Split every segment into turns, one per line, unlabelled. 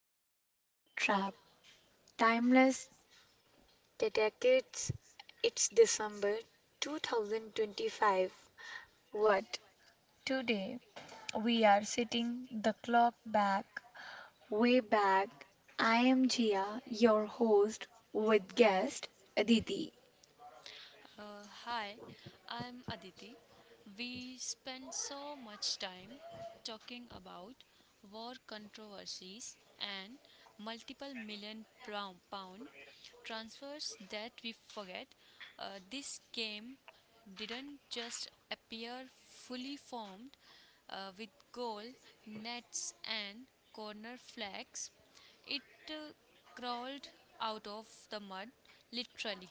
the Offside Trap, Timeless Detectives. It's December 2025. What? Today we are sitting the clock back, way back. I am Jia, your host, with guest Aditi.
Hi, I'm Aditi. We spend so much time talking about war controversies and multiple million pound transfers that we forget this game didn't just appear fully formed with goal, nets, and corner flags. It uh, crawled out of the mud, literally.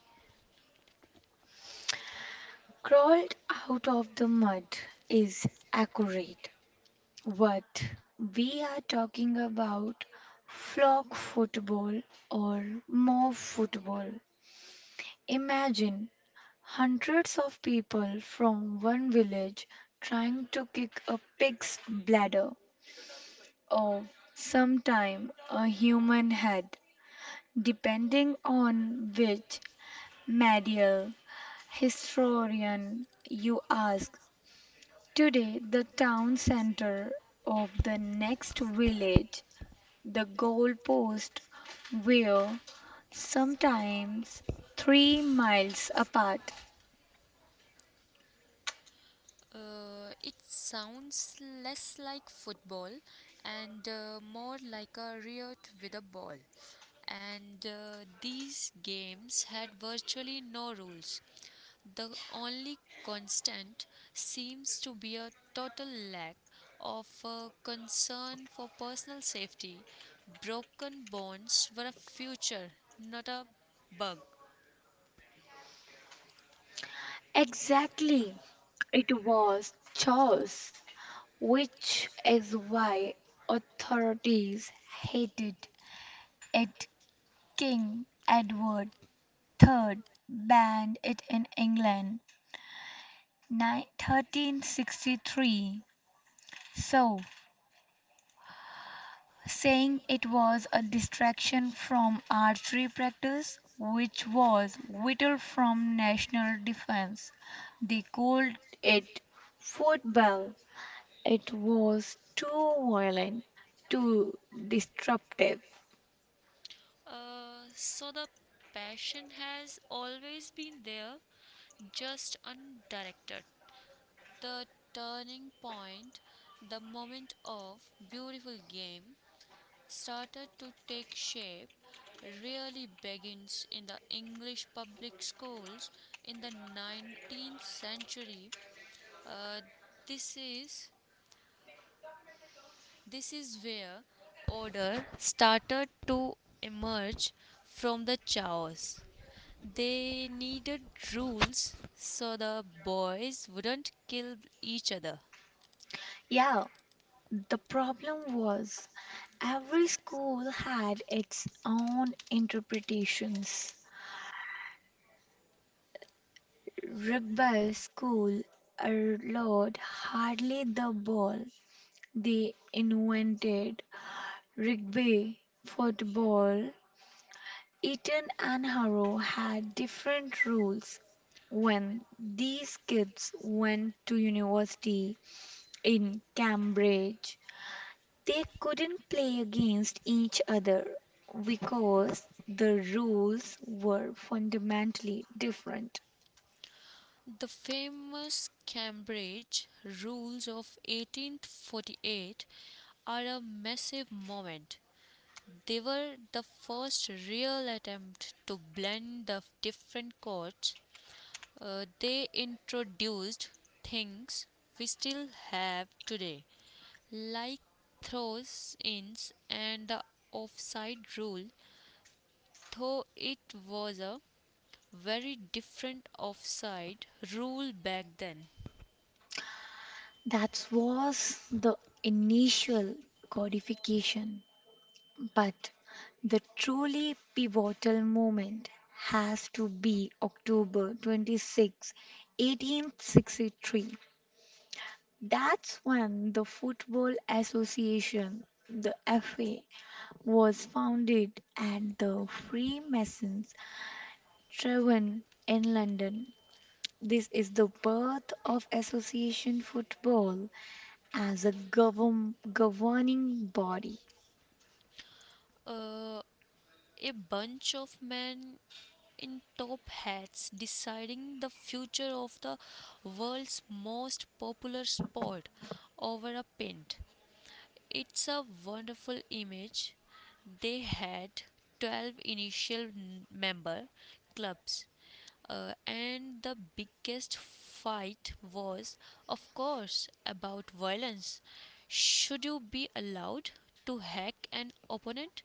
Crawled out of the mud is accurate. What we are talking about flock football or mob football. Imagine hundreds of people from one village trying to kick a pig's bladder or sometime a human head, depending on which medieval historian you ask. Today, the town center of the next village the goalposts were sometimes 3 miles apart.
It sounds less like football and more like a riot with a ball. And these games had virtually no rules. The only constant seems to be a total lack of concern for personal safety. Broken bones were a future, not a bug.
Exactly, it was chaos, which is why authorities hated it. King Edward III banned it in England, 1363. So saying it was a distraction from archery practice, which was vital from national defense. They called it football. It was too violent, too disruptive.
So the passion has always been there, just undirected. The turning point, the moment of beautiful game, started to take shape, really begins in the English public schools in the 19th century. Uh, this is this is where order started to emerge from the chaos. They needed rules so the boys wouldn't kill each other.
Yeah, the problem was every school had its own interpretations. Rugby school allowed hardly the ball. They invented Rugby, football, Eton and Harrow had different rules when these kids went to university in Cambridge. They couldn't play against each other because the rules were fundamentally different.
The famous Cambridge Rules of 1848 are a massive moment. They were the first real attempt to blend the different courts. They introduced things we still have today, like throws ins and the offside rule, though it was a very different offside rule back then.
That was the initial codification. But the truly pivotal moment has to be October 26, 1863. That's when the Football Association, the FA, was founded at the Freemasons' Tavern in London. This is the birth of association football as a governing body.
Uh, a bunch of men in top hats deciding the future of the world's most popular sport over a pint. It's a wonderful image. They had 12 initial member clubs, and the biggest fight was, of course, about violence. Should you be allowed to hack an opponent,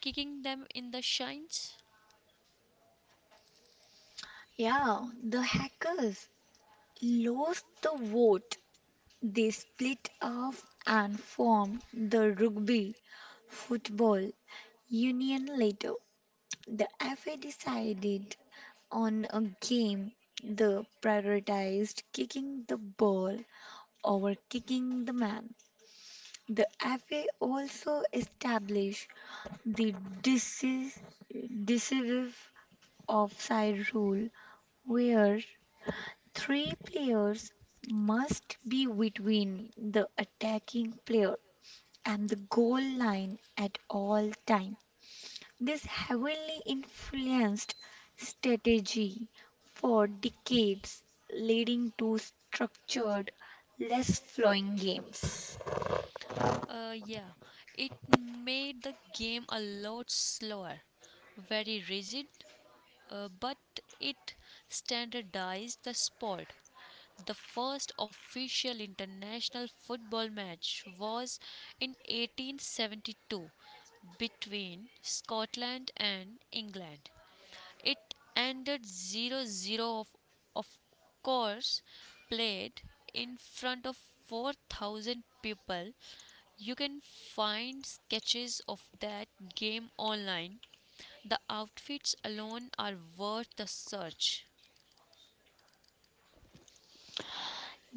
kicking them in the shins?
Yeah, the hackers lost the vote. They split off and formed the Rugby Football Union later. The FA decided on a game that prioritized kicking the ball over kicking the man. The FA also established the deci- decisive offside rule where three players must be between the attacking player and the goal line at all time. This heavily influenced strategy for decades, leading to structured, less flowing games.
Yeah, it made the game a lot slower, very rigid, but it standardized the sport. The first official international football match was in 1872 between Scotland and England. It ended zero zero. of, of course, played in front of 4,000 people. You can find sketches of that game online. The outfits alone are worth the search.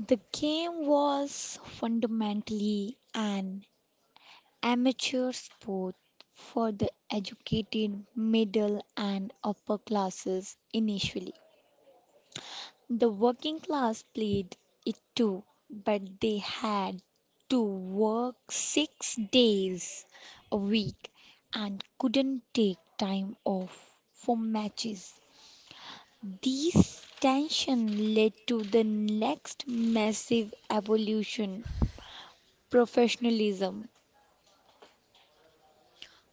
The game was fundamentally an amateur sport for the educated middle and upper classes initially. The working class played it too, but they had to work 6 days a week and couldn't take time off for matches. This tension led to the next massive evolution professionalism.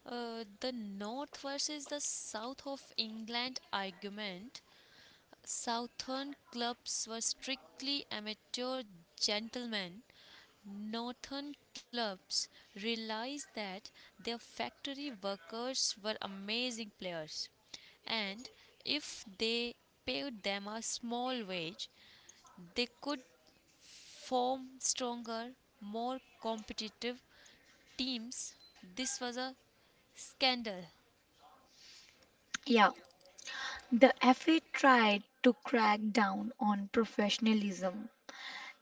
The North versus the South of England argument. Southern clubs were strictly amateur gentlemen. Northern clubs realized that their factory workers were amazing players, and if they paid them a small wage, they could form stronger, more competitive teams. This was a scandal.
Yeah, the FA tried to crack down on professionalism.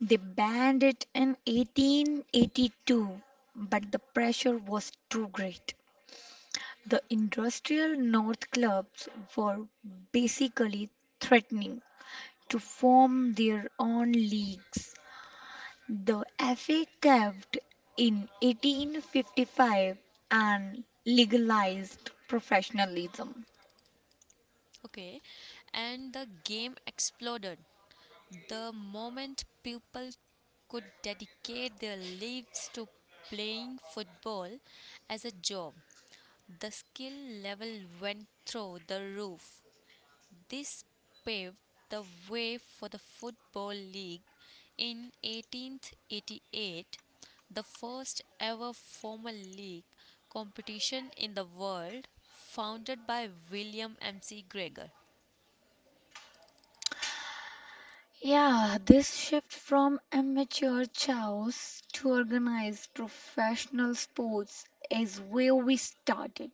They banned it in 1882, but the pressure was too great. The industrial North clubs were basically threatening to form their own leagues. The FA caved in 1855 and legalized professionalism.
Okay, and the game exploded. The moment people could dedicate their lives to playing football as a job, the skill level went through the roof. This paved the way for the Football League in 1888, the first ever formal league competition in the world, founded by William M.C. Gregor.
Yeah, this shift from amateur chaos to organized professional sports is where we started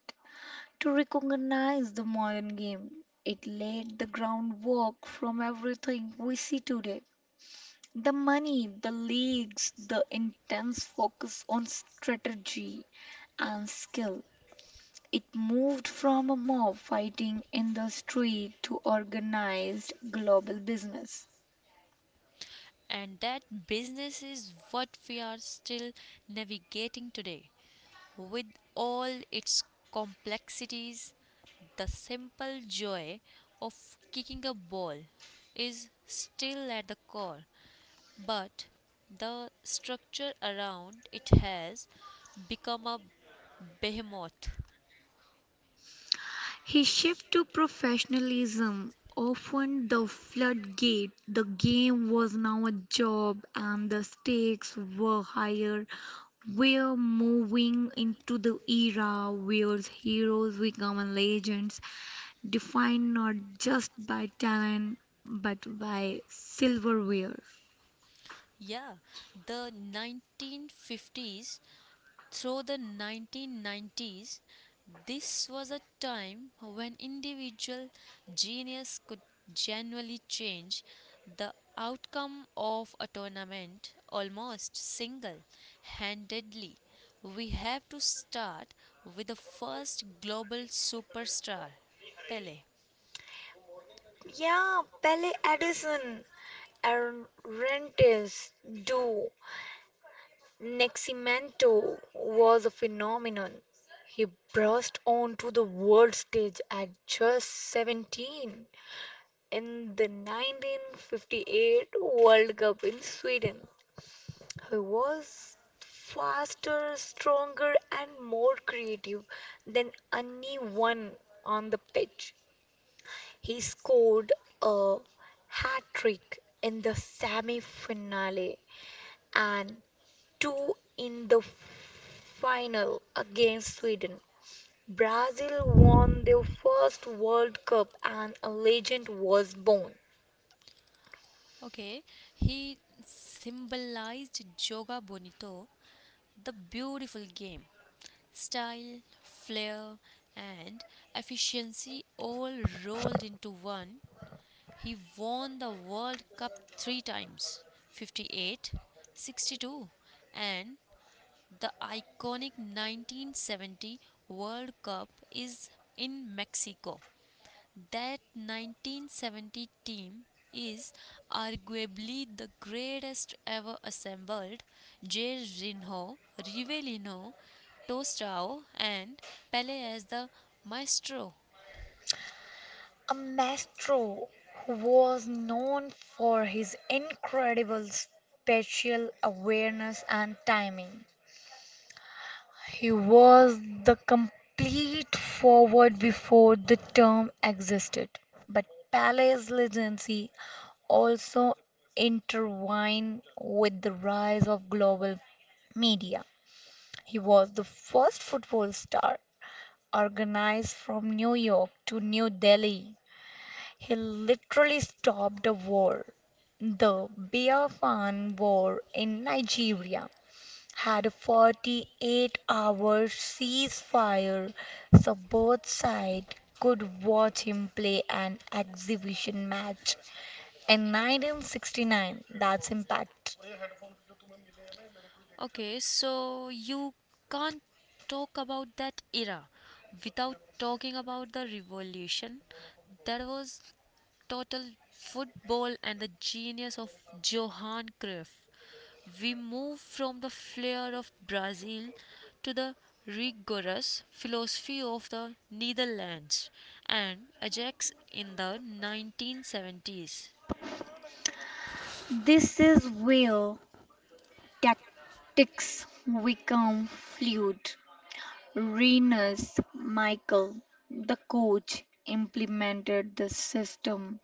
to recognize the modern game. It laid the groundwork from everything we see today. The money, the leagues, the intense focus on strategy and skill. It moved from a mob fighting in the street to organized global business.
And that business is what we are still navigating today, with all its complexities. The simple joy of kicking a ball is still at the core, but the structure around it has become a behemoth.
His shift to professionalism opened the floodgate. The game was now a job, and the stakes were higher. We're moving into the era where heroes become legends, defined not just by talent but by silverware.
Yeah, the 1950s through the 1990s, this was a time when individual genius could genuinely change the outcome of a tournament almost single handedly. We have to start with the first global superstar, Pele.
Yeah, Pele Edison, Aaron Rentis, do Neximento was a phenomenon. He burst onto the world stage at just 17 in the 1958 World Cup in Sweden. He was faster, stronger, and more creative than anyone on the pitch. He scored a hat trick in the semi finale and two in the final against Sweden. Brazil won their first World Cup and a legend was born.
Okay, he symbolized Joga Bonito, the beautiful game. Style, flair, and efficiency all rolled into one, he won the World Cup three times, 58, 62, and the iconic 1970 World Cup is in Mexico. That 1970 team is arguably the greatest ever assembled. Jorginho, Rivellino, Tostao, and Pele as the maestro.
A maestro who was known for his incredible spatial awareness and timing. He was the complete forward before the term existed. But Pele's legacy also intertwined with the rise of global media. He was the first football star organized from New York to New Delhi. He literally stopped a war. The Biafran War in Nigeria had a 48-hour ceasefire so both sides could watch him play an exhibition match and 1969. That's impact.
Okay, so you can't talk about that era without talking about the revolution that was total football and the genius of Johan Cruyff. We move from the flair of Brazil to the rigorous philosophy of the Netherlands and Ajax in the 1970s.
This is where tactics become fluid. Renus Michael, the coach, implemented the system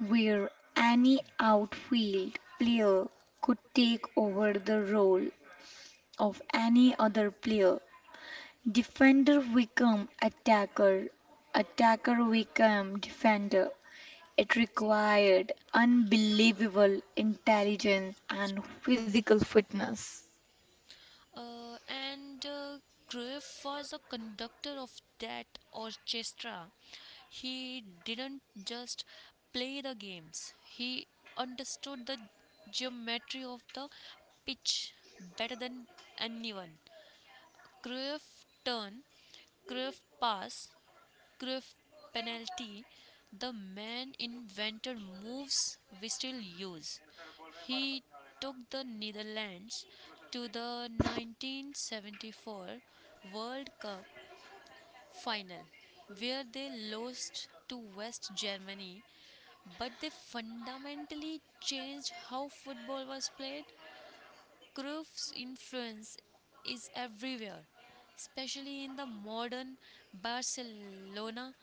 where any outfield player could take over the role of any other player. Defender became attacker, attacker became defender. It required unbelievable intelligence and physical fitness.
And Cruyff was the conductor of that orchestra. He didn't just play the games, he understood the geometry of the pitch better than anyone. Cruyff turn, Cruyff pass, Cruyff penalty. The man invented moves we still use. He took the Netherlands to the 1974 World Cup final, where they lost to West Germany, but they fundamentally changed how football was played. Cruyff's influence is everywhere, especially in the modern Barcelona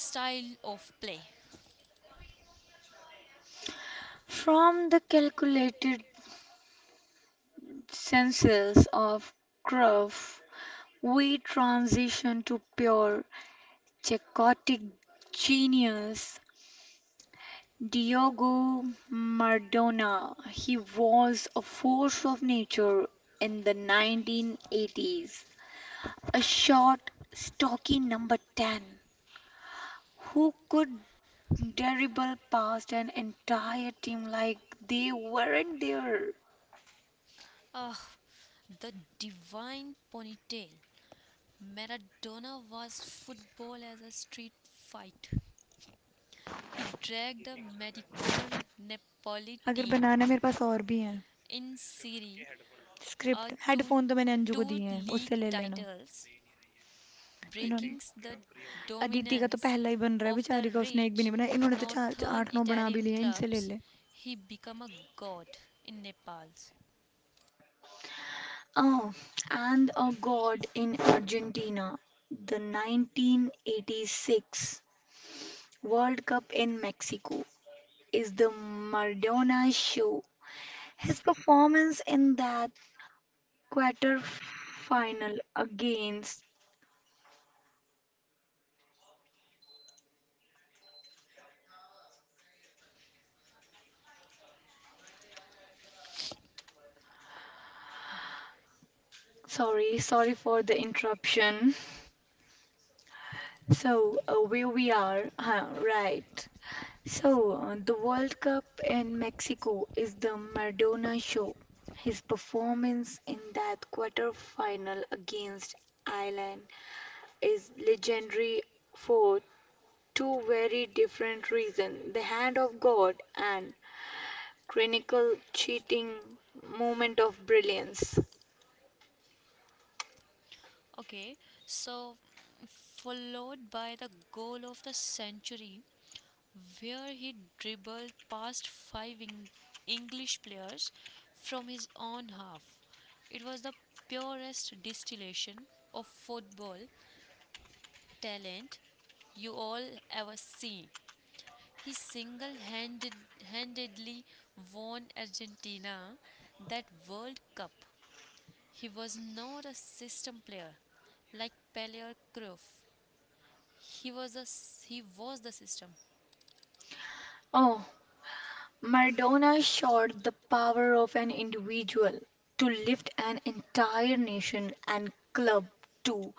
style of play.
From the calculated census of Krupp, we transition to pure Czechotic genius. Diogo Maradona. He was a force of nature in the 1980s. A short, stocky number 10 who could dribble past an entire team like they weren't there.
Ah, the divine ponytail. Maradona was football as a street fight. He dragged the Mediocre Napoli team in Serie A to two league titles, breaking the dominance of the rich northern Italian clubs. He became a god in Nepal.
Oh, and a god in Argentina, the 1986 World Cup in Mexico is the Maradona show. His performance in that quarter final against Sorry, sorry for the interruption. So, where we are, right. So, the World Cup in Mexico is the Maradona show. His performance in that quarter-final against Ireland is legendary for two very different reasons: the hand of God and clinical cheating moment of brilliance.
Okay, so followed by the goal of the century, where he dribbled past five English players from his own half. It was the purest distillation of football talent you all ever seen. He single handedly won Argentina that World Cup. He was not a system player like Pele or Cruyff. He was a he was the system,
Oh, Maradona showed the power of an individual to lift an entire nation and club to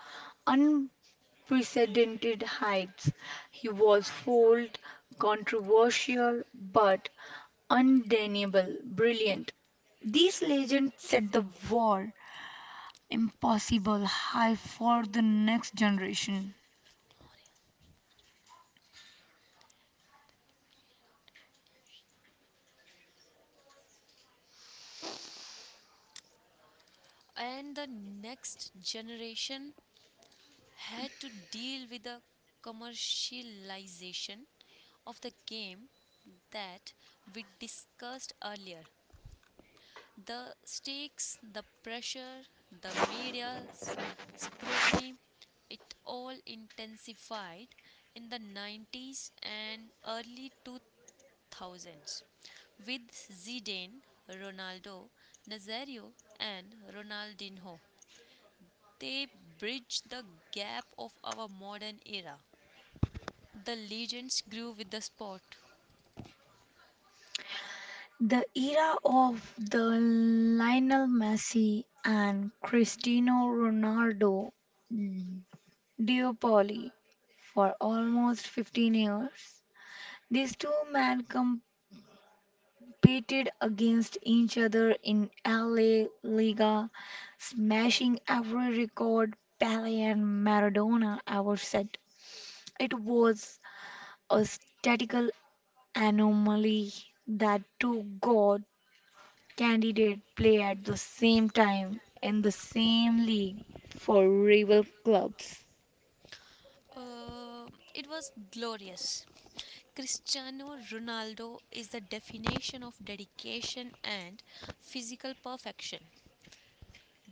unprecedented heights. He was bold, controversial, but undeniable brilliant. These legends set the war impossible high for the next generation.
and the next generation had to deal with the commercialization of the game that we discussed earlier. The stakes, the pressure, the media's scrutiny, it all intensified in the 90s and early 2000s with Zidane, Ronaldo, Nazario, and Ronaldinho. They bridged the gap of our modern era. The legends grew with the sport.
The era of the Lionel Messi and Cristiano Ronaldo Dear Polly, for almost 15 years, these two men competed against each other in LA Liga, smashing every record Pele and Maradona ever set. It was a statistical anomaly that two God candidates play at the same time in the same league for rival clubs.
Uh, it was glorious. Cristiano Ronaldo is the definition of dedication and physical perfection.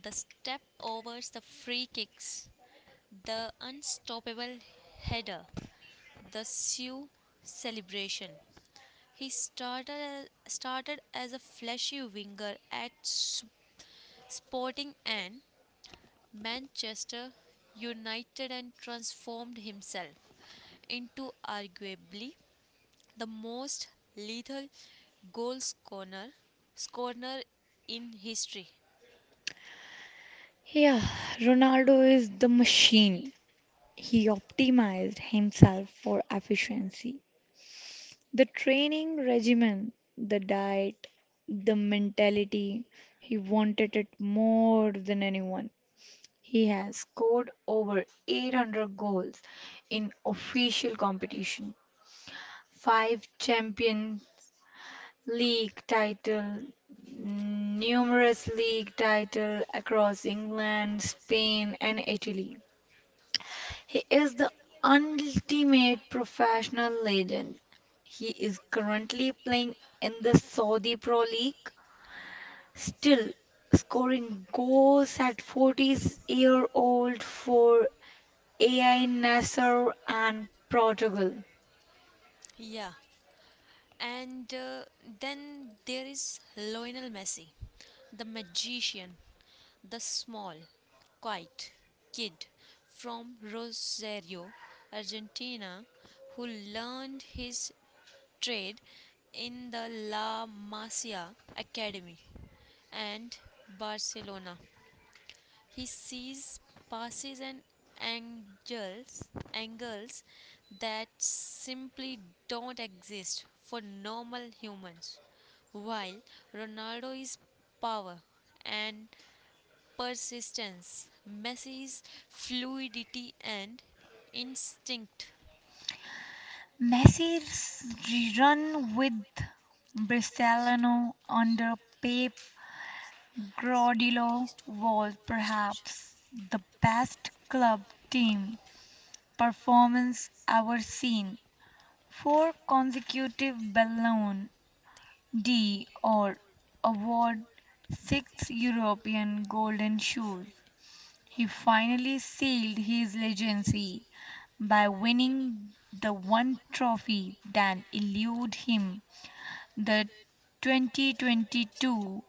The step overs, the free kicks, the unstoppable header, the Sioux celebration. Started as a flashy winger at Sporting and Manchester United and transformed himself into arguably the most lethal goal scorer in history.
Yeah, Ronaldo is the machine. He optimized himself for efficiency. The training regimen, the diet, the mentality, he wanted it more than anyone. He has scored over 800 goals in official competition, five champion league title, numerous league title across England, Spain and Italy. He is the ultimate professional legend. He is currently playing in the Saudi Pro League, still scoring goals at 40-year-old for AI Nasser and Portugal.
Yeah, and then there is Lionel Messi, the magician, the small, quiet kid from Rosario, Argentina, who learned his trade in the La Masia Academy and Barcelona. He sees passes and angles that simply don't exist for normal humans. While Ronaldo is power and persistence, Messi is fluidity and instinct.
Messi's run with Barcelona under Pep Guardiola was perhaps the best club team performance ever seen. Four consecutive Ballon d'Or award, six European Golden Shoes. He finally sealed his legacy by winning the one trophy that eluded him, the 2022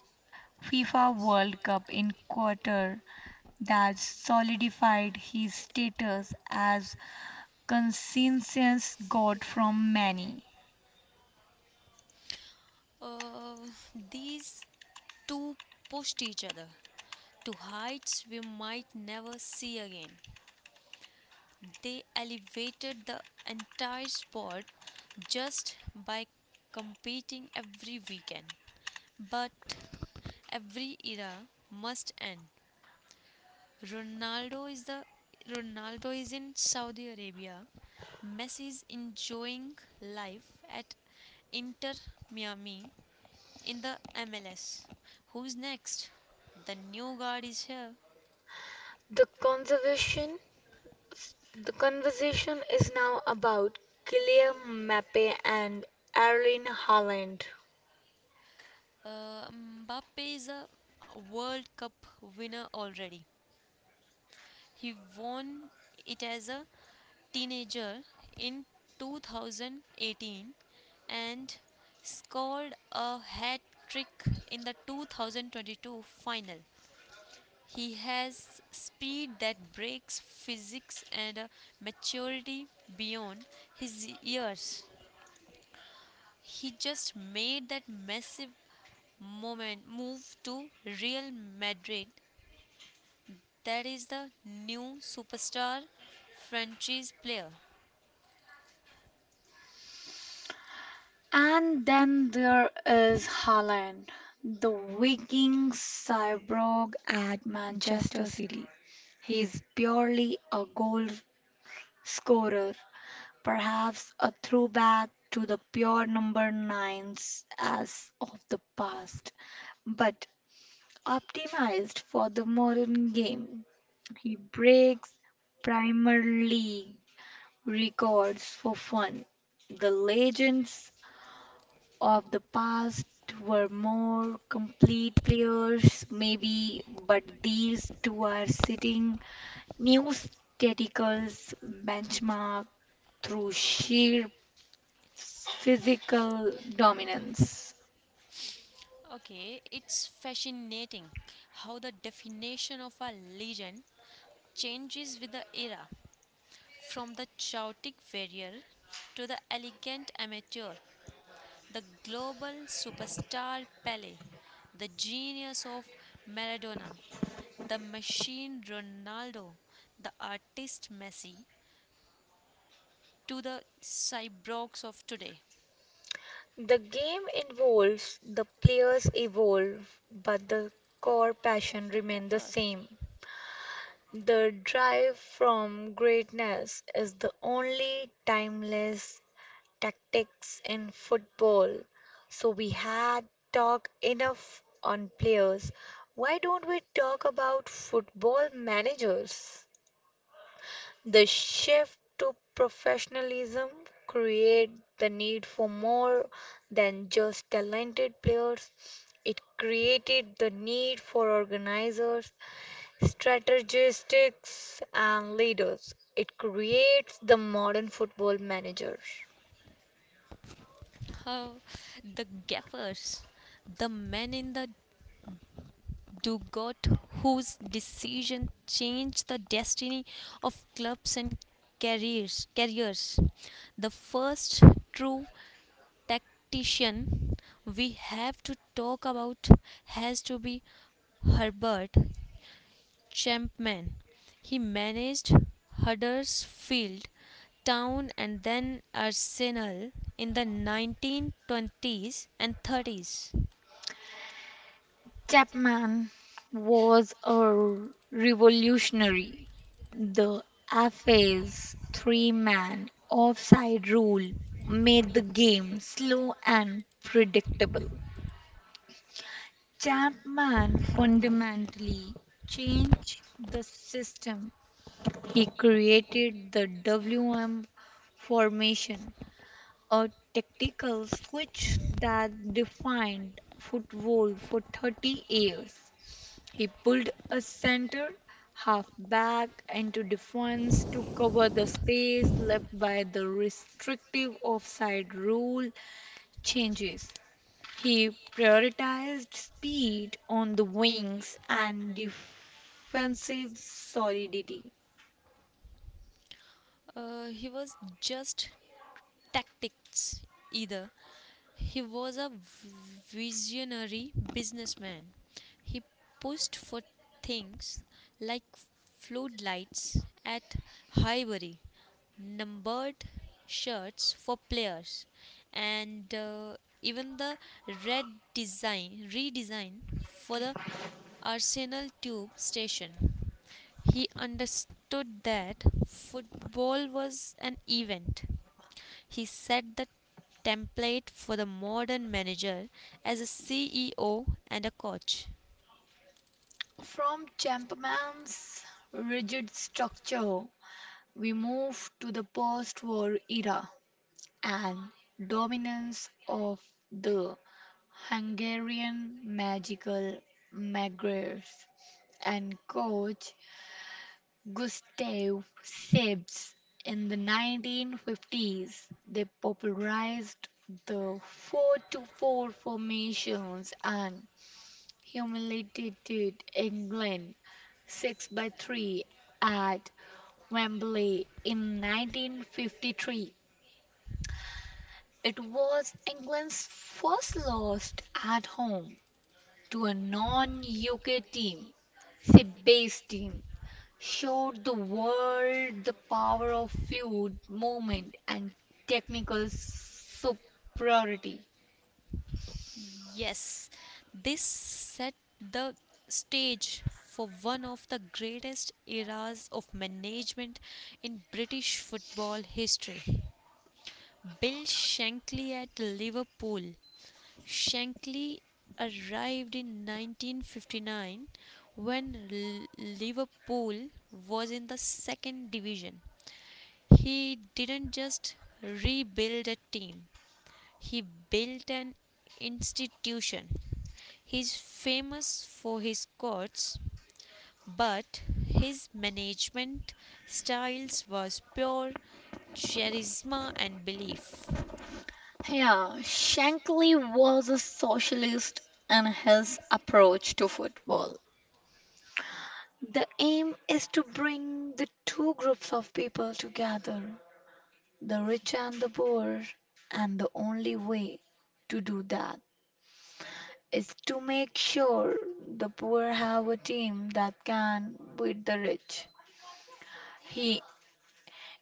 FIFA World Cup in Qatar that solidified his status as Conscience got from many.
Uh, these two pushed each other to heights we might never see again. They elevated the entire sport just by competing every weekend. But every era must end. Ronaldo is the Ronaldo is in Saudi Arabia. Messi is enjoying life at Inter Miami, in the MLS. Who's next? The new guard is here.
The conservation the conversation is now about Claire Mappe and Erling Haaland.
Mbappe is a World Cup winner already. He won it as a teenager in 2018 and scored a hat trick in the 2022 final. He has speed that breaks physics and a maturity beyond his years. He just made that massive moment move to Real Madrid. That is the new superstar franchise player.
And then there is Haaland, the Viking cyborg at Manchester City. He's purely a goal scorer, perhaps a throwback to the pure number nines as of the past. But optimized for the modern game. He breaks Premier League records for fun. The legends of the past were more complete players, maybe, but these two are setting new statistical benchmark through sheer physical dominance.
Okay, it's fascinating how the definition of a legend changes with the era. From the chaotic warrior to the elegant amateur, the global superstar Pele, the genius of Maradona, the machine Ronaldo, the artist Messi, to the cyborgs of today.
The game involves the players evolve, but the core passion
The
remains the
gaffers.
same. The drive from greatness is the only timeless tactics in football. So we had talked enough on players. Why don't we talk about football managers? The shift to professionalism create the need for more than just talented players. It created the need for organizers, strategists, and leaders. It creates the modern football manager.
Oh, the gaffers. The men in the Dugout, whose decision changed the destiny of clubs and careers. The first true tactician we have to talk about has to be Herbert Chapman. He managed Huddersfield Town and then Arsenal in the 1920s and 30s.
Chapman was a revolutionary. The AFA's three-man offside rule made the game slow and predictable. Chapman fundamentally changed the system. He created the WM formation, a tactical switch that defined football for 30 years. He pulled a center half back into defense to cover the space left by the restrictive offside rule changes. He prioritized speed on the wings and defensive solidity.
He was just tactics either. He was a visionary businessman. He pushed for things like floodlights at Highbury, numbered shirts for players, and even the redesign for the Arsenal tube station. He understood that football was an event. He set the template for the modern manager as a CEO and a coach.
From Champman's rigid structure, we move to the post war era and dominance of the Hungarian magical Magyars and coach Gustav Siebes. In the 1950s, they popularized the 4-4 to four formations and humiliated England 6-3 by three at Wembley in 1953. It was England's first loss at home to a non UK team, Seba's team showed the world the power of fluid movement and technical superiority.
Yes, this set the stage for one of the greatest eras of management in British football history. Bill Shankly at Liverpool. Shankly arrived in 1959 when Liverpool was in the second division. He didn't just rebuild a team, he built an institution. He's famous for his quotes, but his management styles was pure charisma and belief.
Yeah, Shankly was a socialist and his approach to football. The aim is to bring the two groups of people together, the rich and the poor, and the only way to do that is to make sure the poor have a team that can beat the rich. He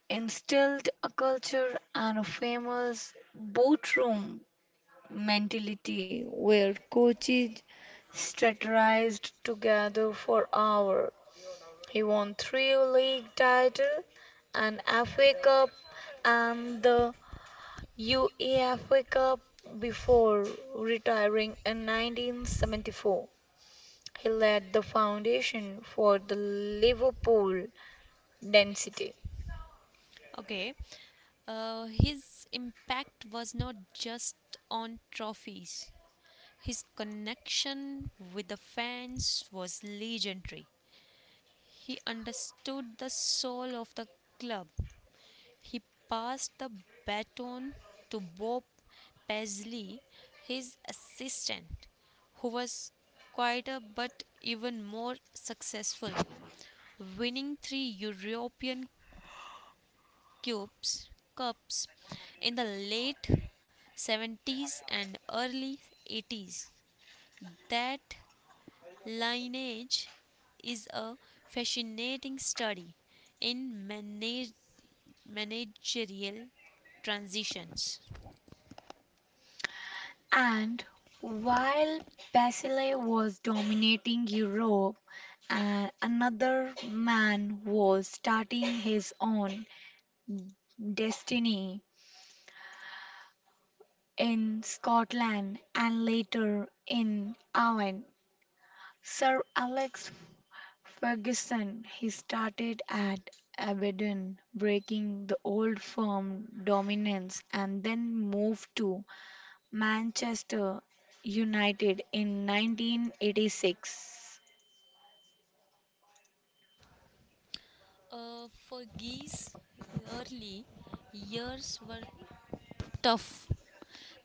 instilled a culture and a famous boat room mentality where coaches strategized together for hours. He won three league titles, an FA Cup, and the UEFA Cup before retiring in 1974. He laid the foundation for the Liverpool dynasty.
Okay, his impact was not just on trophies. His connection with the fans was legendary. He understood the soul of the club. He passed the baton to Bob Paisley, his assistant, who was quieter but even more successful, winning three European cubes, Cups in the late 70s and early 80s. That lineage is a fascinating study in managerial transitions.
And while Basile was dominating Europe, another man was starting his own destiny in Scotland and later in Ireland. Sir Alex Ferguson, he started at Aberdeen, breaking the old firm dominance and then moved to Manchester United in 1986.
For Geese, early years were tough.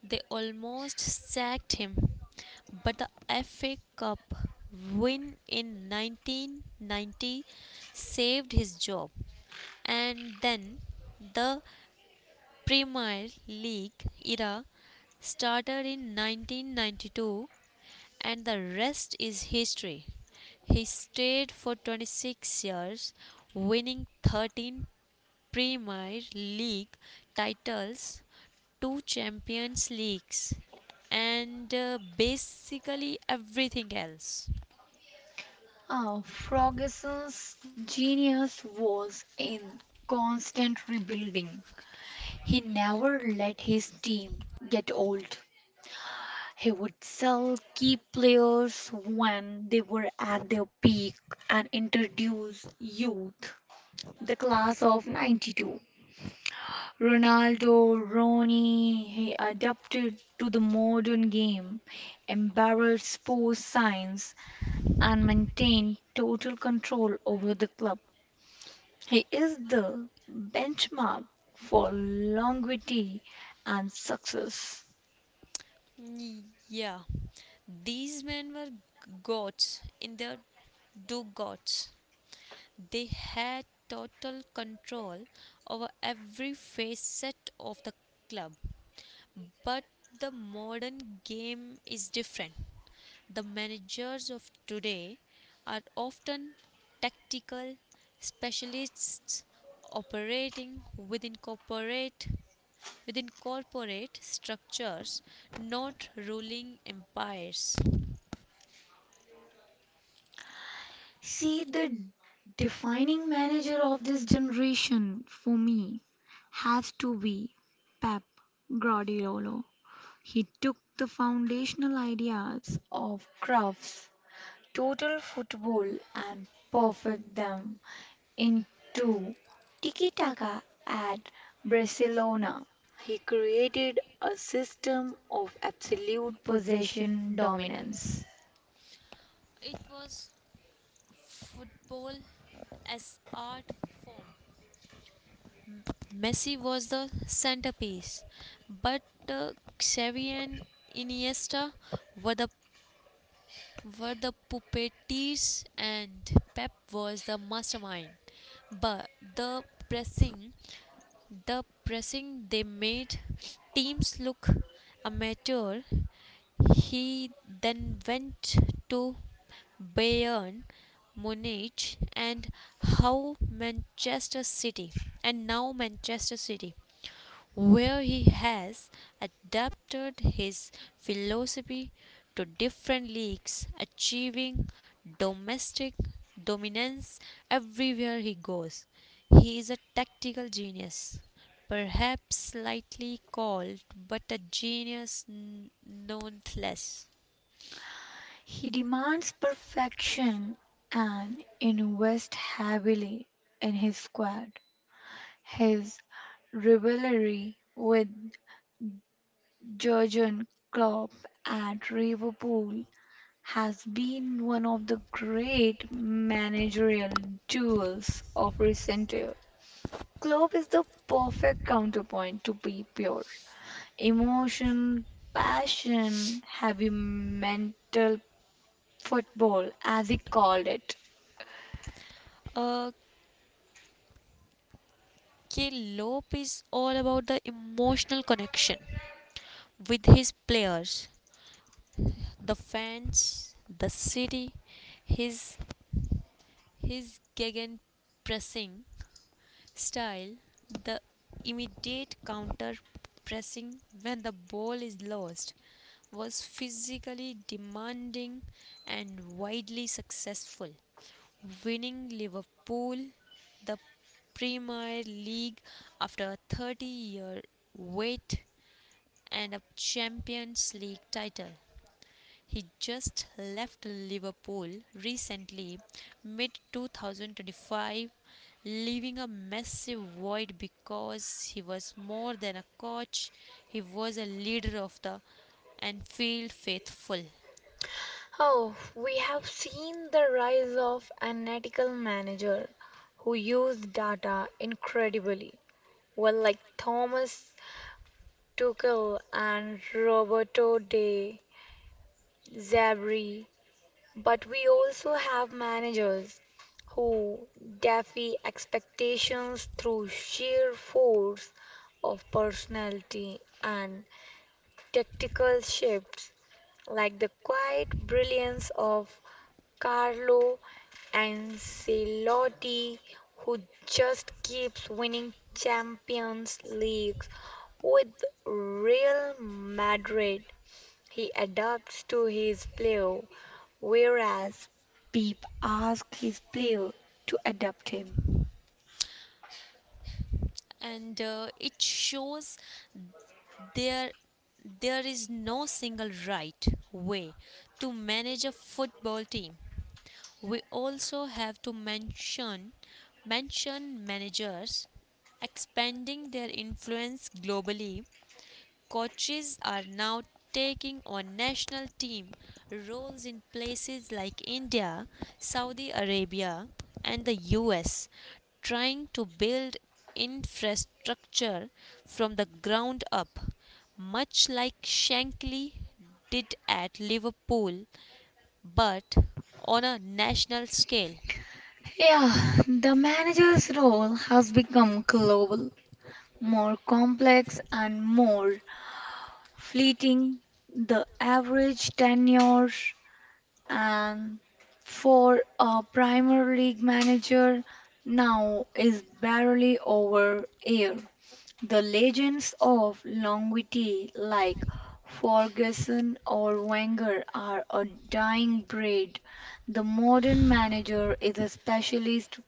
They almost sacked him. But the FA Cup win in 1990 saved his job. And then the Premier League era started in 1992 and the rest is history. He stayed for 26 years, winning 13 Premier League titles, two Champions Leagues, and basically everything else.
Ah, Ferguson's genius was in constant rebuilding. He never let his team get old. He would sell key players when they were at their peak and introduce youth. The class of 92 Ronaldo, Ronnie, he adapted to the modern game, embraced sports science, and maintained total control over the club. He is the benchmark for longevity and success.
Yeah, these men were gods in their do gods. They had total control over every facet of the club. But the modern game is different. The managers of today are often tactical specialists operating within corporate structures, not ruling empires.
See, the defining manager of this generation for me has to be Pep Guardiola. He took the foundational ideas of Cruyff total football and perfect them into tiki taka at Barcelona. He created a system of absolute possession dominance.
It was football as art form. Messi was the centerpiece, but uh, Xavi and Iniesta were the puppeteers and Pep was the mastermind. But the pressing the pressing they made teams look amateur. He then went to Bayern Munich and how Manchester City and now Manchester City where he has adapted his philosophy to different leagues, achieving domestic dominance everywhere he goes. He is a tactical genius perhaps slightly cold, but a genius nonetheless.
He demands perfection and invests heavily in his squad. His rivalry with Jurgen Klopp at Liverpool has been one of the great managerial duels of recent years. Klopp is the perfect counterpoint to be pure. Emotion, passion, heavy mental football, as he called it.
Okay, Lope is all about the emotional connection with his players, the fans, the city, his his gegen pressing style, the immediate counter pressing when the ball is lost, was physically demanding and widely successful, winning Liverpool the Premier League after a 30-year wait and a Champions League title. He just left Liverpool recently, mid 2025, leaving a massive void because he was more than a coach. He was a leader of the Anfield faithful.
Oh, we have seen the rise of an ethical manager who used data incredibly well, like Thomas Tuchel and Roberto De Zerbi. But we also have managers who defy expectations through sheer force of personality and tactical shifts, like the quiet brilliance of Carlo Ancelotti, who just keeps winning Champions Leagues with Real Madrid. He adapts to his player, whereas Pep asks his player to adapt him.
And It shows there there is no single right way to manage a football team. We also have to mention managers expanding their influence globally. Coaches are now taking on national team roles in places like India, Saudi Arabia, and the US, trying to build infrastructure from the ground up, much like Shankly did at Liverpool, but on a national scale.
Yeah, the manager's role has become global, more complex, and more fleeting. The average tenure and for a Premier League manager now is barely over a year. The legends of longevity, like Ferguson or Wenger, are a dying breed. The modern manager is a specialist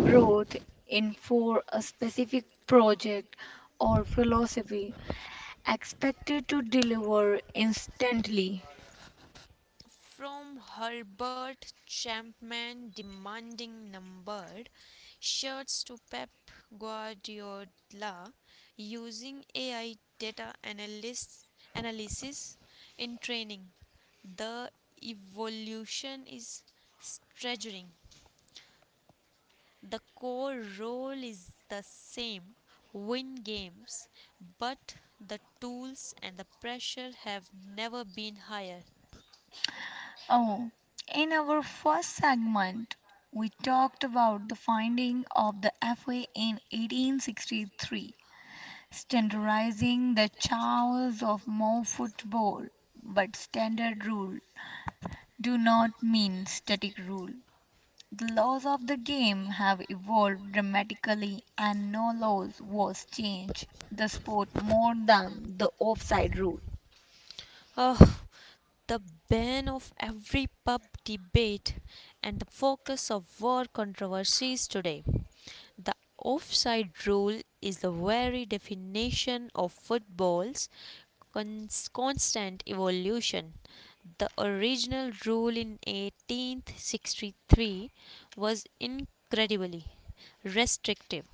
brought in for a specific project or philosophy, expected to deliver instantly.
From Herbert Chapman demanding numbered shirts to Pep Guardiola using AI data analysis in training, the evolution is staggering. The core role is the same, win games, but the tools and the pressure have never been higher.
Oh, in our first segment, we talked about the finding of the FA in 1863 standardizing the chaos of more football. But standard rule do not mean static rule. The laws of the game have evolved dramatically and no laws was changed the sport more than the offside rule,
Oh, the bane of every pub debate and the focus of war controversies today. The offside rule is the very definition of football's constant evolution. The original rule in 1863 was incredibly restrictive.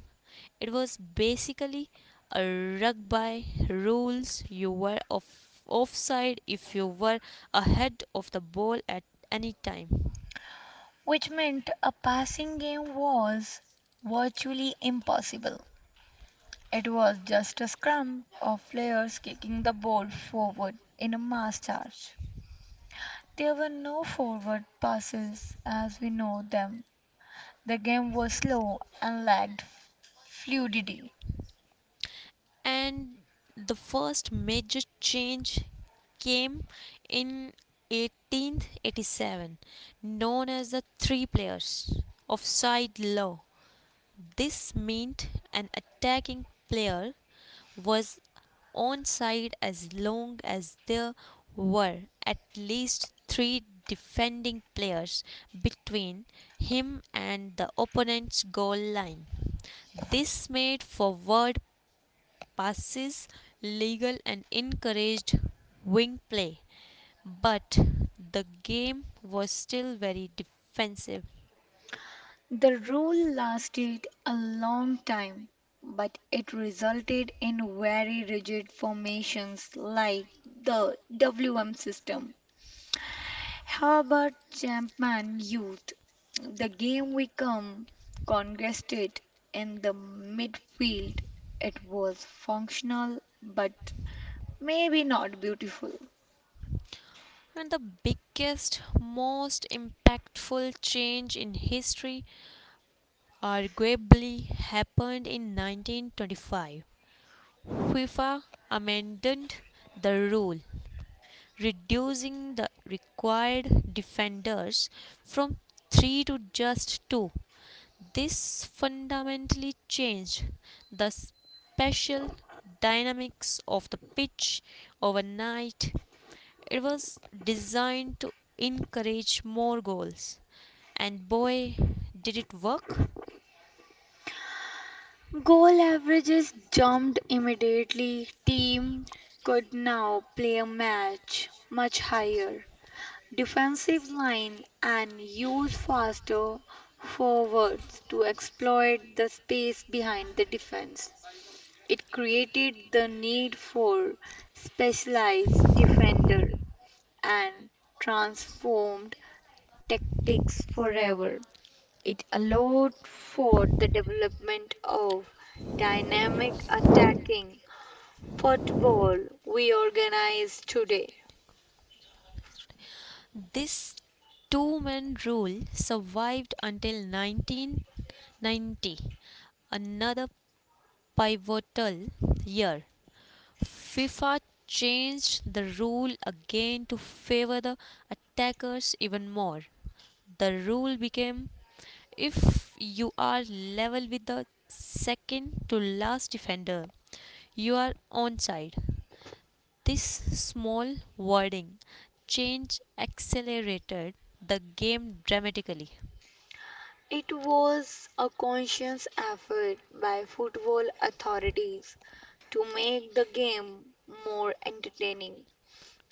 It was basically a rug by rules. You were offside if you were ahead of the ball at any time.
which meant a passing game was virtually impossible. It was just a scrum of players kicking the ball forward in a mass charge. There were no forward passes as we know them. The game was slow and lacked fluidity.
And the first major change came in 1887, known as the three players offside law. This meant an attacking player was own side as long as there were at least three defending players between him and the opponent's goal line. This made forward passes legal and encouraged wing play, but the game was still very defensive.
The rule lasted a long time, but it resulted in very rigid formations like the WM system. Herbert Champman used the game we come, congested in the midfield. It was functional but maybe not beautiful.
And the biggest, most impactful change in history arguably happened in 1925. FIFA amended the rule, reducing the required defenders from three to just two. This fundamentally changed the special dynamics of the pitch overnight. It was designed to encourage more goals, and boy, did it work!
Goal averages jumped immediately. Team could now play a match much higher. Defensive line and use faster forwards to exploit the space behind the defense. It created the need for specialized defender and transformed tactics forever. It allowed for the development of dynamic attacking football we organize today.
This two-man rule survived until 1990, another pivotal year. FIFA changed the rule again to favor the attackers even more. The rule became: if you are level with the second to last defender, you are onside. This small wording change accelerated the game dramatically.
It was a conscious effort by football authorities to make the game more entertaining.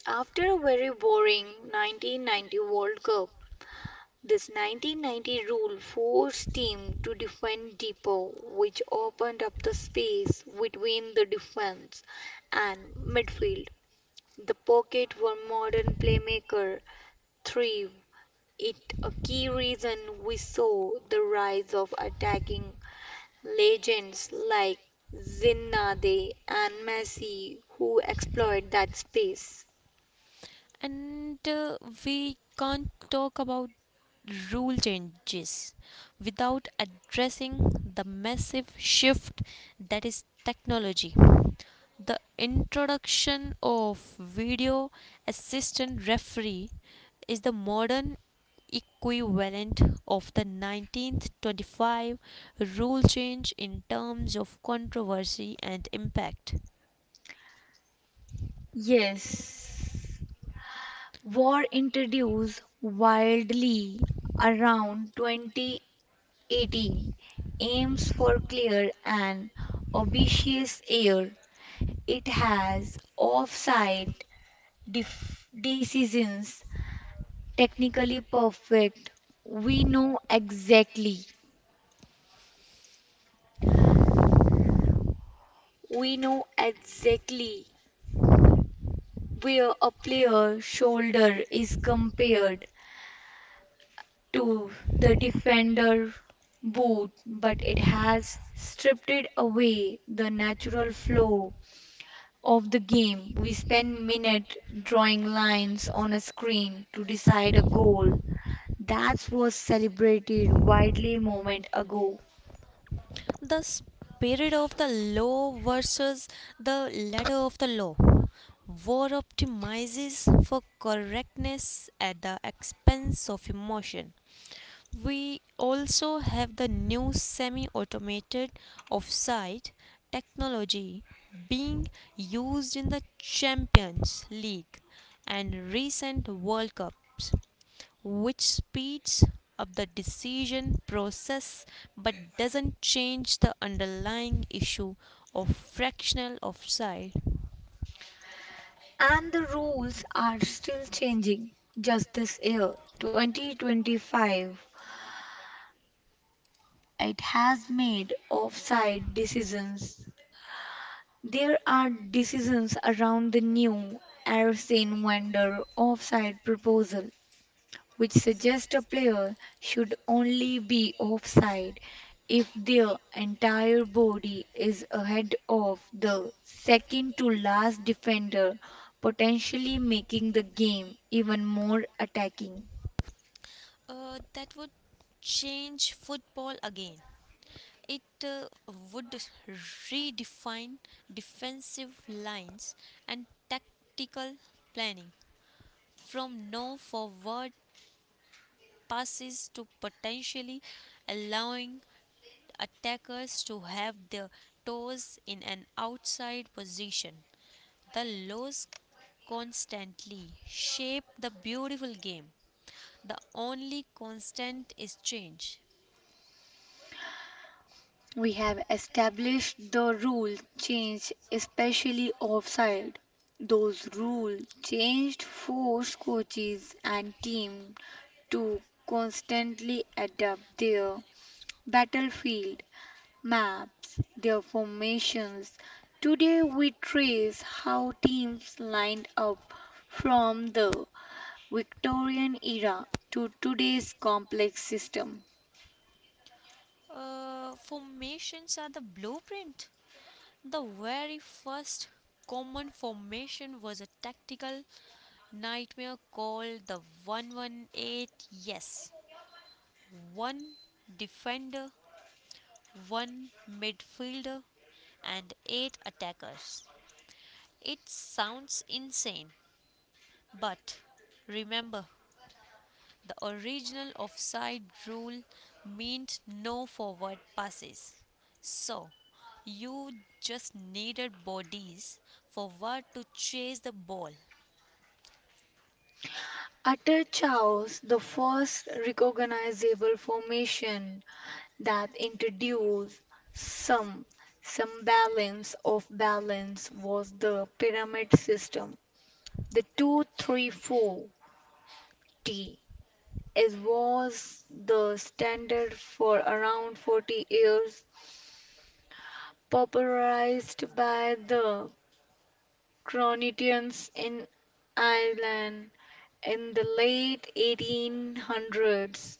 After a very boring 1990 World Cup, this 1990 rule forced teams to defend deeper, which opened up the space between the defense and midfield. The pocket where modern playmakers thrive. It a key reason we saw the rise of attacking legends like Zinedine and Messi who exploit that space.
And We can't talk about rule changes without addressing the massive shift that is technology. The introduction of video assistant referee is the modern equivalent of the 1925 rule change in terms of controversy and impact.
Yes. War introduced widely around 2018 aims for clear and obvious air. It has offside decisions technically perfect. We know exactly. We know exactly where a player shoulder is compared to the defender boot, but it has stripped it away the natural flow of the game. We spend minutes drawing lines on a screen to decide a goal. That was celebrated widely moment ago.
The spirit of the law versus the letter of the law. War optimizes for correctness at the expense of emotion. We also have the new semi automated offside technology being used in the Champions League and recent World Cups, which speeds up the decision process but doesn't change the underlying issue of fractional offside.
And the rules are still changing. Just this year, 2025, it has made offside decisions. There are decisions around the new Arsene Wenger offside proposal, which suggests a player should only be offside if their entire body is ahead of the second to last defender, potentially making the game even more attacking.
That would change football again. It would redefine defensive lines and tactical planning, from no forward passes to potentially allowing attackers to have their toes in an outside position. The laws constantly shape the beautiful game. The only constant is change.
We have established the rule change, especially offside. Those rule changed forced coaches and team to constantly adapt their battlefield maps, their formations. Today we trace how teams lined up from the Victorian era to today's complex system.
Formations are the blueprint. The very first common formation was a tactical nightmare called the 118. Yes. One defender, one midfielder, and eight attackers. It sounds insane, but remember, the original offside rule meant no forward passes. So you just needed bodies forward to chase the ball.
Utter chaos, the first recognizable formation that introduced some some balance was the pyramid system. The 234T is was the standard for around 40 years, popularized by the Cronitians in Ireland in the late 1800s.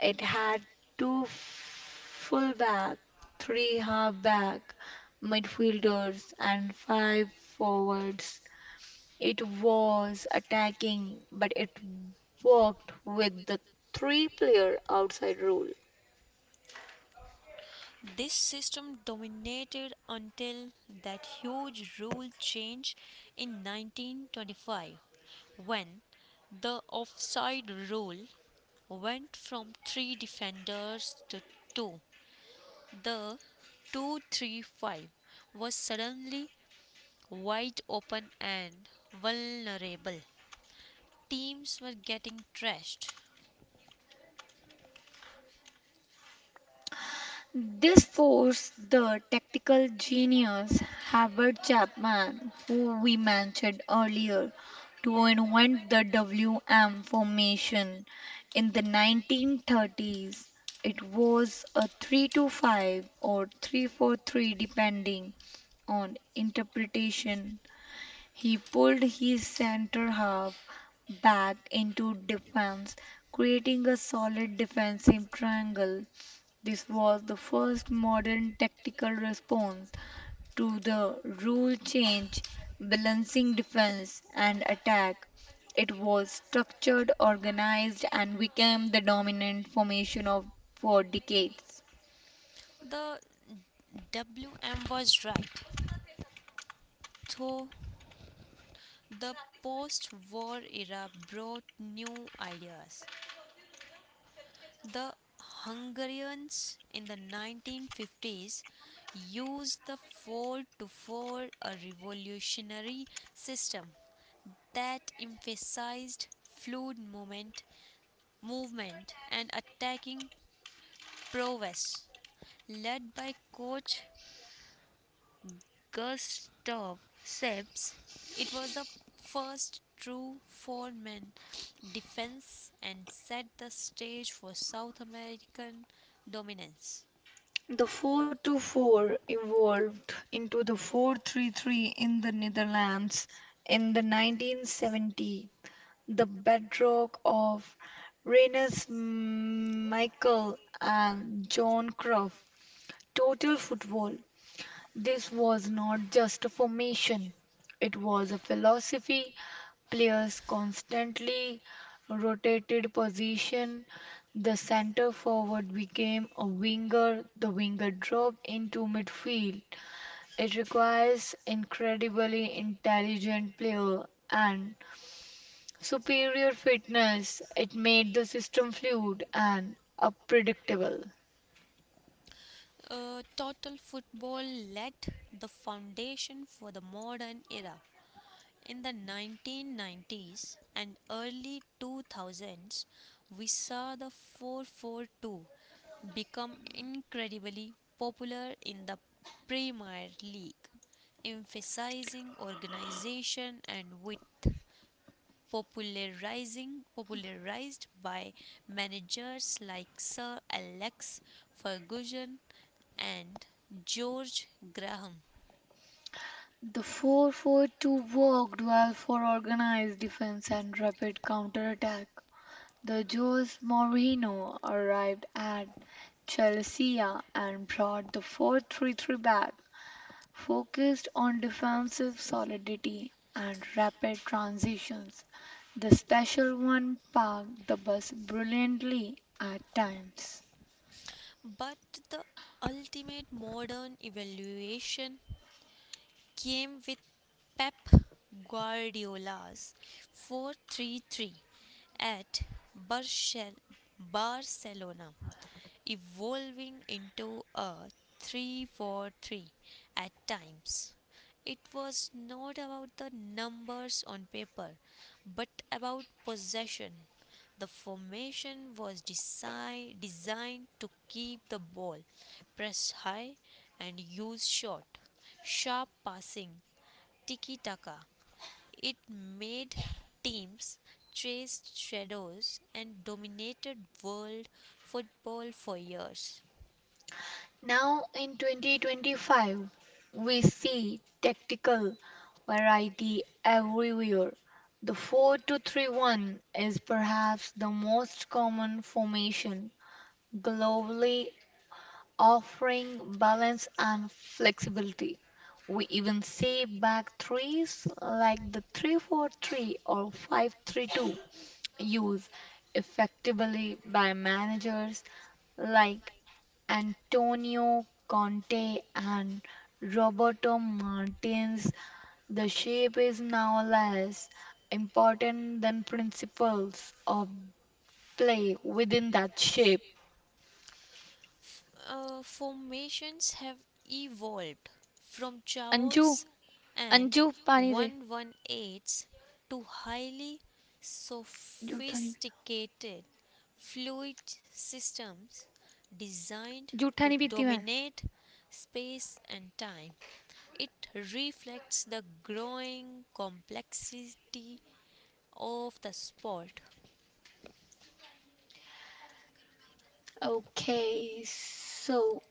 It had two fullback, three halfback, midfielders and five forwards. It was attacking, but it worked with the three player outside rule.
This system dominated until that huge rule change in 1925, when the offside rule went from three defenders to two. The 235 was suddenly wide open and vulnerable. Teams were getting trashed.
This forced the tactical genius Herbert Chapman, who we mentioned earlier, to invent the WM formation in the 1930s. It was a 3-2-5 or 3-4-3, depending on interpretation. He pulled his center half back into defense, creating a solid defensive triangle. This was the first modern tactical response to the rule change, balancing defense and attack. It was structured, organized, and became the dominant formation of for decades.
The WM was right, though the post war era brought new ideas. The Hungarians in the 1950s used the four to four, a revolutionary system that emphasized fluid movement and attacking prowess. Led by coach Gustav Sebs, it was the first true four-man defense and set the stage for South American dominance.
The 424 evolved into the 433 in the Netherlands in the 1970s, the bedrock of Rinus Michel and Johan Cruyff total football. This was not just a formation, it was a philosophy. Players constantly rotated position. The centre forward became a winger, the winger dropped into midfield. It requires incredibly intelligent player and superior fitness. It made the system fluid and unpredictable.
Total football laid the foundation for the modern era. In the 1990s and early 2000s, we saw the 442 become incredibly popular in the Premier League, emphasizing organization and width, popularizing popularized by managers like Sir Alex Ferguson and George Graham.
The 442 worked well for organized defense and rapid counterattack. The Jose Mourinho arrived at Chelsea and brought the 433 back, focused on defensive solidity and rapid transitions. The special one parked the bus brilliantly at times.
But the ultimate modern evaluation came with Pep Guardiola's 4-3-3 at Barcelona, evolving into a 3-4-3 at times. It was not about the numbers on paper, but about possession. The formation was designed to keep the ball, press high, and use short, sharp passing, tiki taka. It made teams chase shadows and dominated world football for years.
Now in 2025, we see tactical variety everywhere. The 4-2-3-1 is perhaps the most common formation globally, offering balance and flexibility. We even see back threes like the 3-4-3 or 5-3-2 used effectively by managers like Antonio Conte and Roberto Martinez, the shape is now less important than principles of play within that shape.
Formations have evolved from chaos and 118s to highly
You tell me.
sophisticated fluid systems designed to dominate space and time. It reflects the growing complexity of the sport.
Okay, so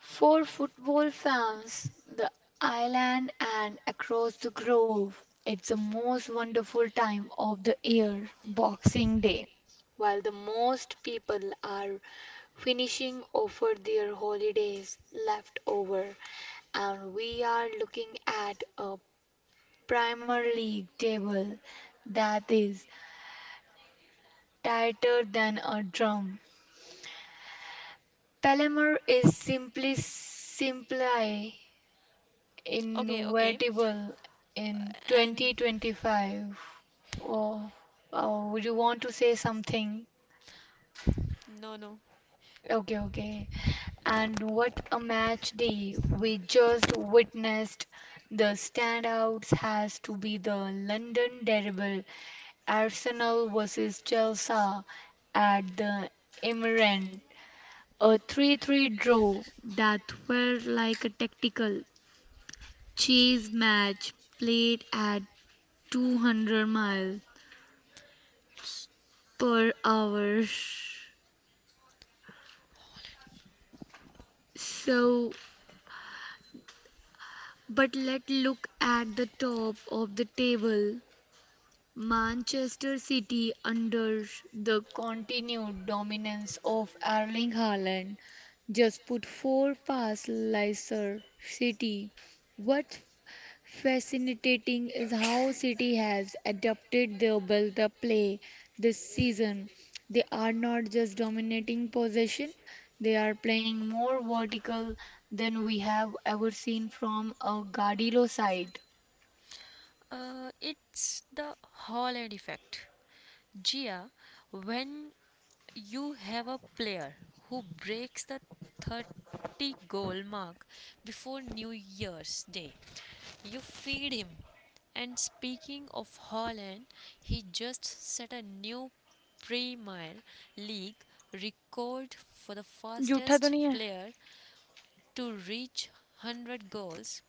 for football fans, the island and across the grove, it's the most wonderful time of the year, Boxing Day, while the most people are finishing over their holidays left over. And we are looking at a Premier League table that is tighter than a drum. Palermo is simply
Okay, okay.
inevitable in
Uh, And
2025. Oh, oh, would you want to say something?
No, no.
Okay, okay. And what a match day we just witnessed. The standouts has to be the London Derby, Arsenal versus Chelsea at the Emirates. A 3-3 draw that felt like a tactical chase match played at 200 miles per hour. So, but let's look at the top of the table. Manchester City, under the continued dominance of Erling Haaland, just put four past Leicester City. What fascinating is how City has adapted their build up play this season. They are not just dominating possession, they are playing more vertical than we have ever seen from a Guardiola side.
It's the Holland effect. Gia, when you have a player who breaks the 30 goal mark before New Year's Day, you feed him. And speaking of Holland, he just set a new Premier League record for the fastest player to reach 100 goals,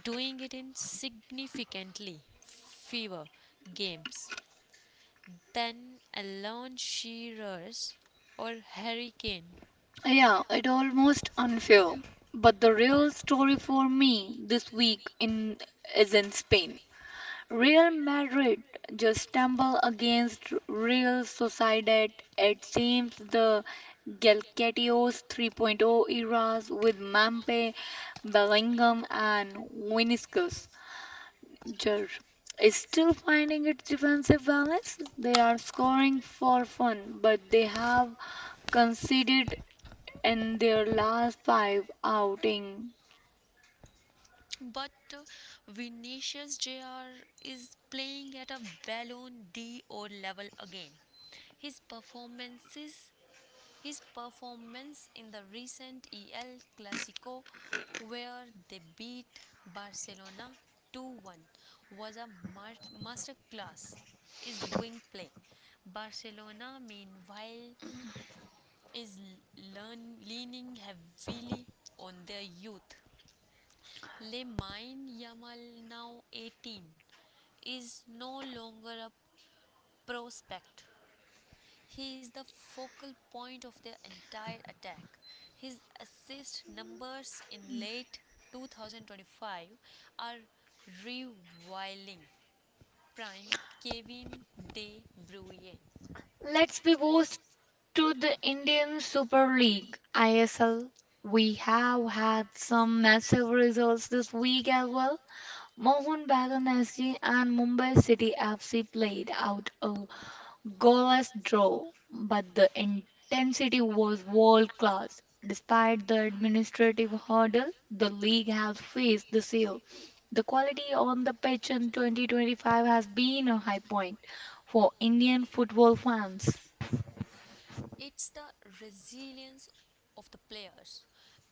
doing it in significantly fewer games than Alan Shearer's or Harry Kane.
Yeah, it almost unfair. But the real story for me this week in is in Spain. Real Madrid just stumble against Real Sociedad. It seems the Galacticos 3.0 eras with Mampe, Bellingham, and Vinicius Jr. is still finding its defensive balance. They are scoring for fun, but they have conceded in their last five outing.
But Vinicius Jr. is playing at a Ballon d'Or level again. His performances His performance in the recent El Clasico, where they beat Barcelona 2-1, was a masterclass. Is wing play. Barcelona, meanwhile, is leaning heavily on their youth. Lemine Yamal, now 18, is no longer a prospect. He is the focal point of their entire attack. His assist numbers in late 2025 are reviling. Prime Kevin De Bruyne.
Let's be bold to the Indian Super League ISL. We have had some massive results this week as well. Mohun Bagan SG and Mumbai City FC played out a goalless draw, but the intensity was world class. Despite the administrative hurdle the league has faced this year, the quality on the pitch in 2025 has been a high point for Indian football fans.
It's the resilience of the players.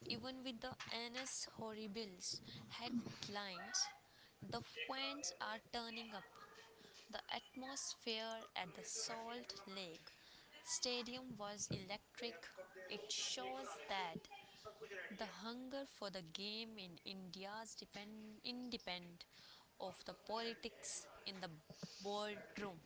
Even with the NS Horribles headlines, the fans are turning up. The atmosphere at the Salt Lake Stadium was electric. It shows that the hunger for the game in India is independent of the politics in the boardroom.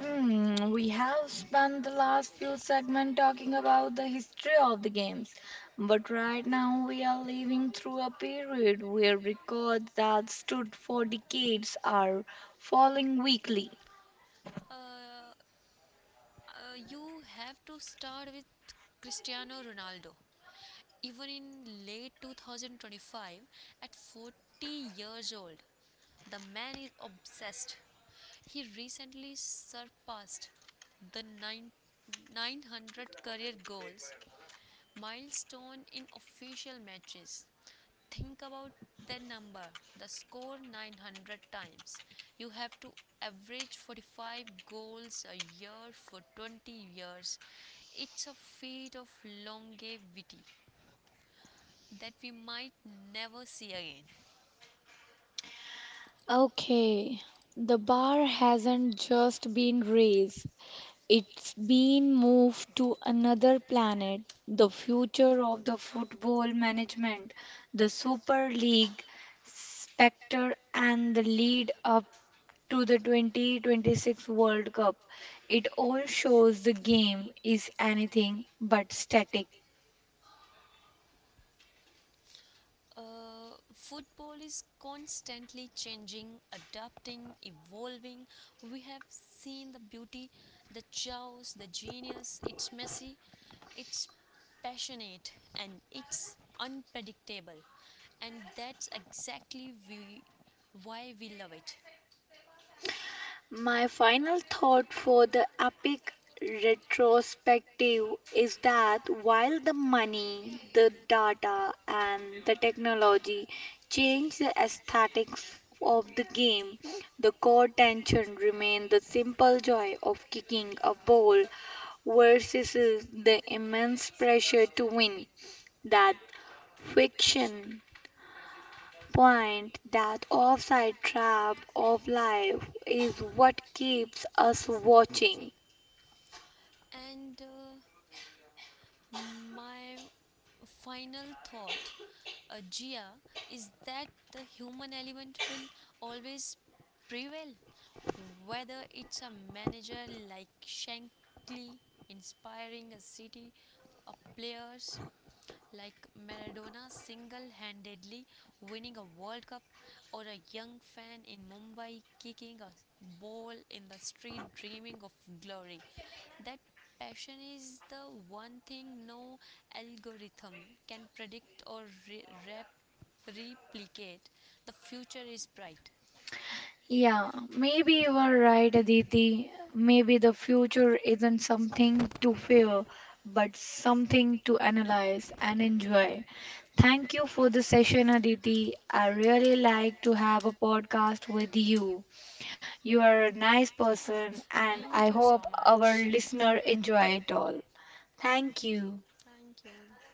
Hmm, we have spent the last few segments talking about the history of the games, but right now we are living through a period where records that stood for decades are falling weekly.
Uh, you have to start with Cristiano Ronaldo. Even in late 2025, at 40 years old, the man is obsessed. He recently surpassed the 900 career goals milestone in official matches. Think about that number, the score 900 times. You have to average 45 goals a year for 20 years. It's a feat of longevity that we might never see again.
Okay, the bar hasn't just been raised, it's been moved to another planet. The future of the football management, the Super League specter, and the lead up to the 2026 World Cup. It all shows the game is anything but static.
Football is constantly changing, adapting, evolving. We have seen the beauty, the chaos, the genius. It's messy, it's passionate, and it's unpredictable. And that's exactly why we love it.
My final thought for the epic retrospective is that while the money, the data, and the technology change the aesthetics of the game, the core tension remained the simple joy of kicking a ball versus the immense pressure to win. That fiction point that offside trap of life is what keeps us watching.
And My final thought, Gia, is that the human element will always prevail, whether it's a manager like Shankly inspiring a city of players like Maradona single handedly winning a World Cup, or a young fan in Mumbai kicking a ball in the street dreaming of glory. That passion is the one thing no algorithm can predict or re- rep- replicate. The future is bright.
Yeah, maybe you are right, Aditi. Maybe the future isn't something to fear, but something to analyze and enjoy. Thank you for the session, Aditi. I really like to have a podcast with you. You are a nice person, and
Thank
I
you so
hope our
much.
listener enjoy it all. Thank you.
Thank you.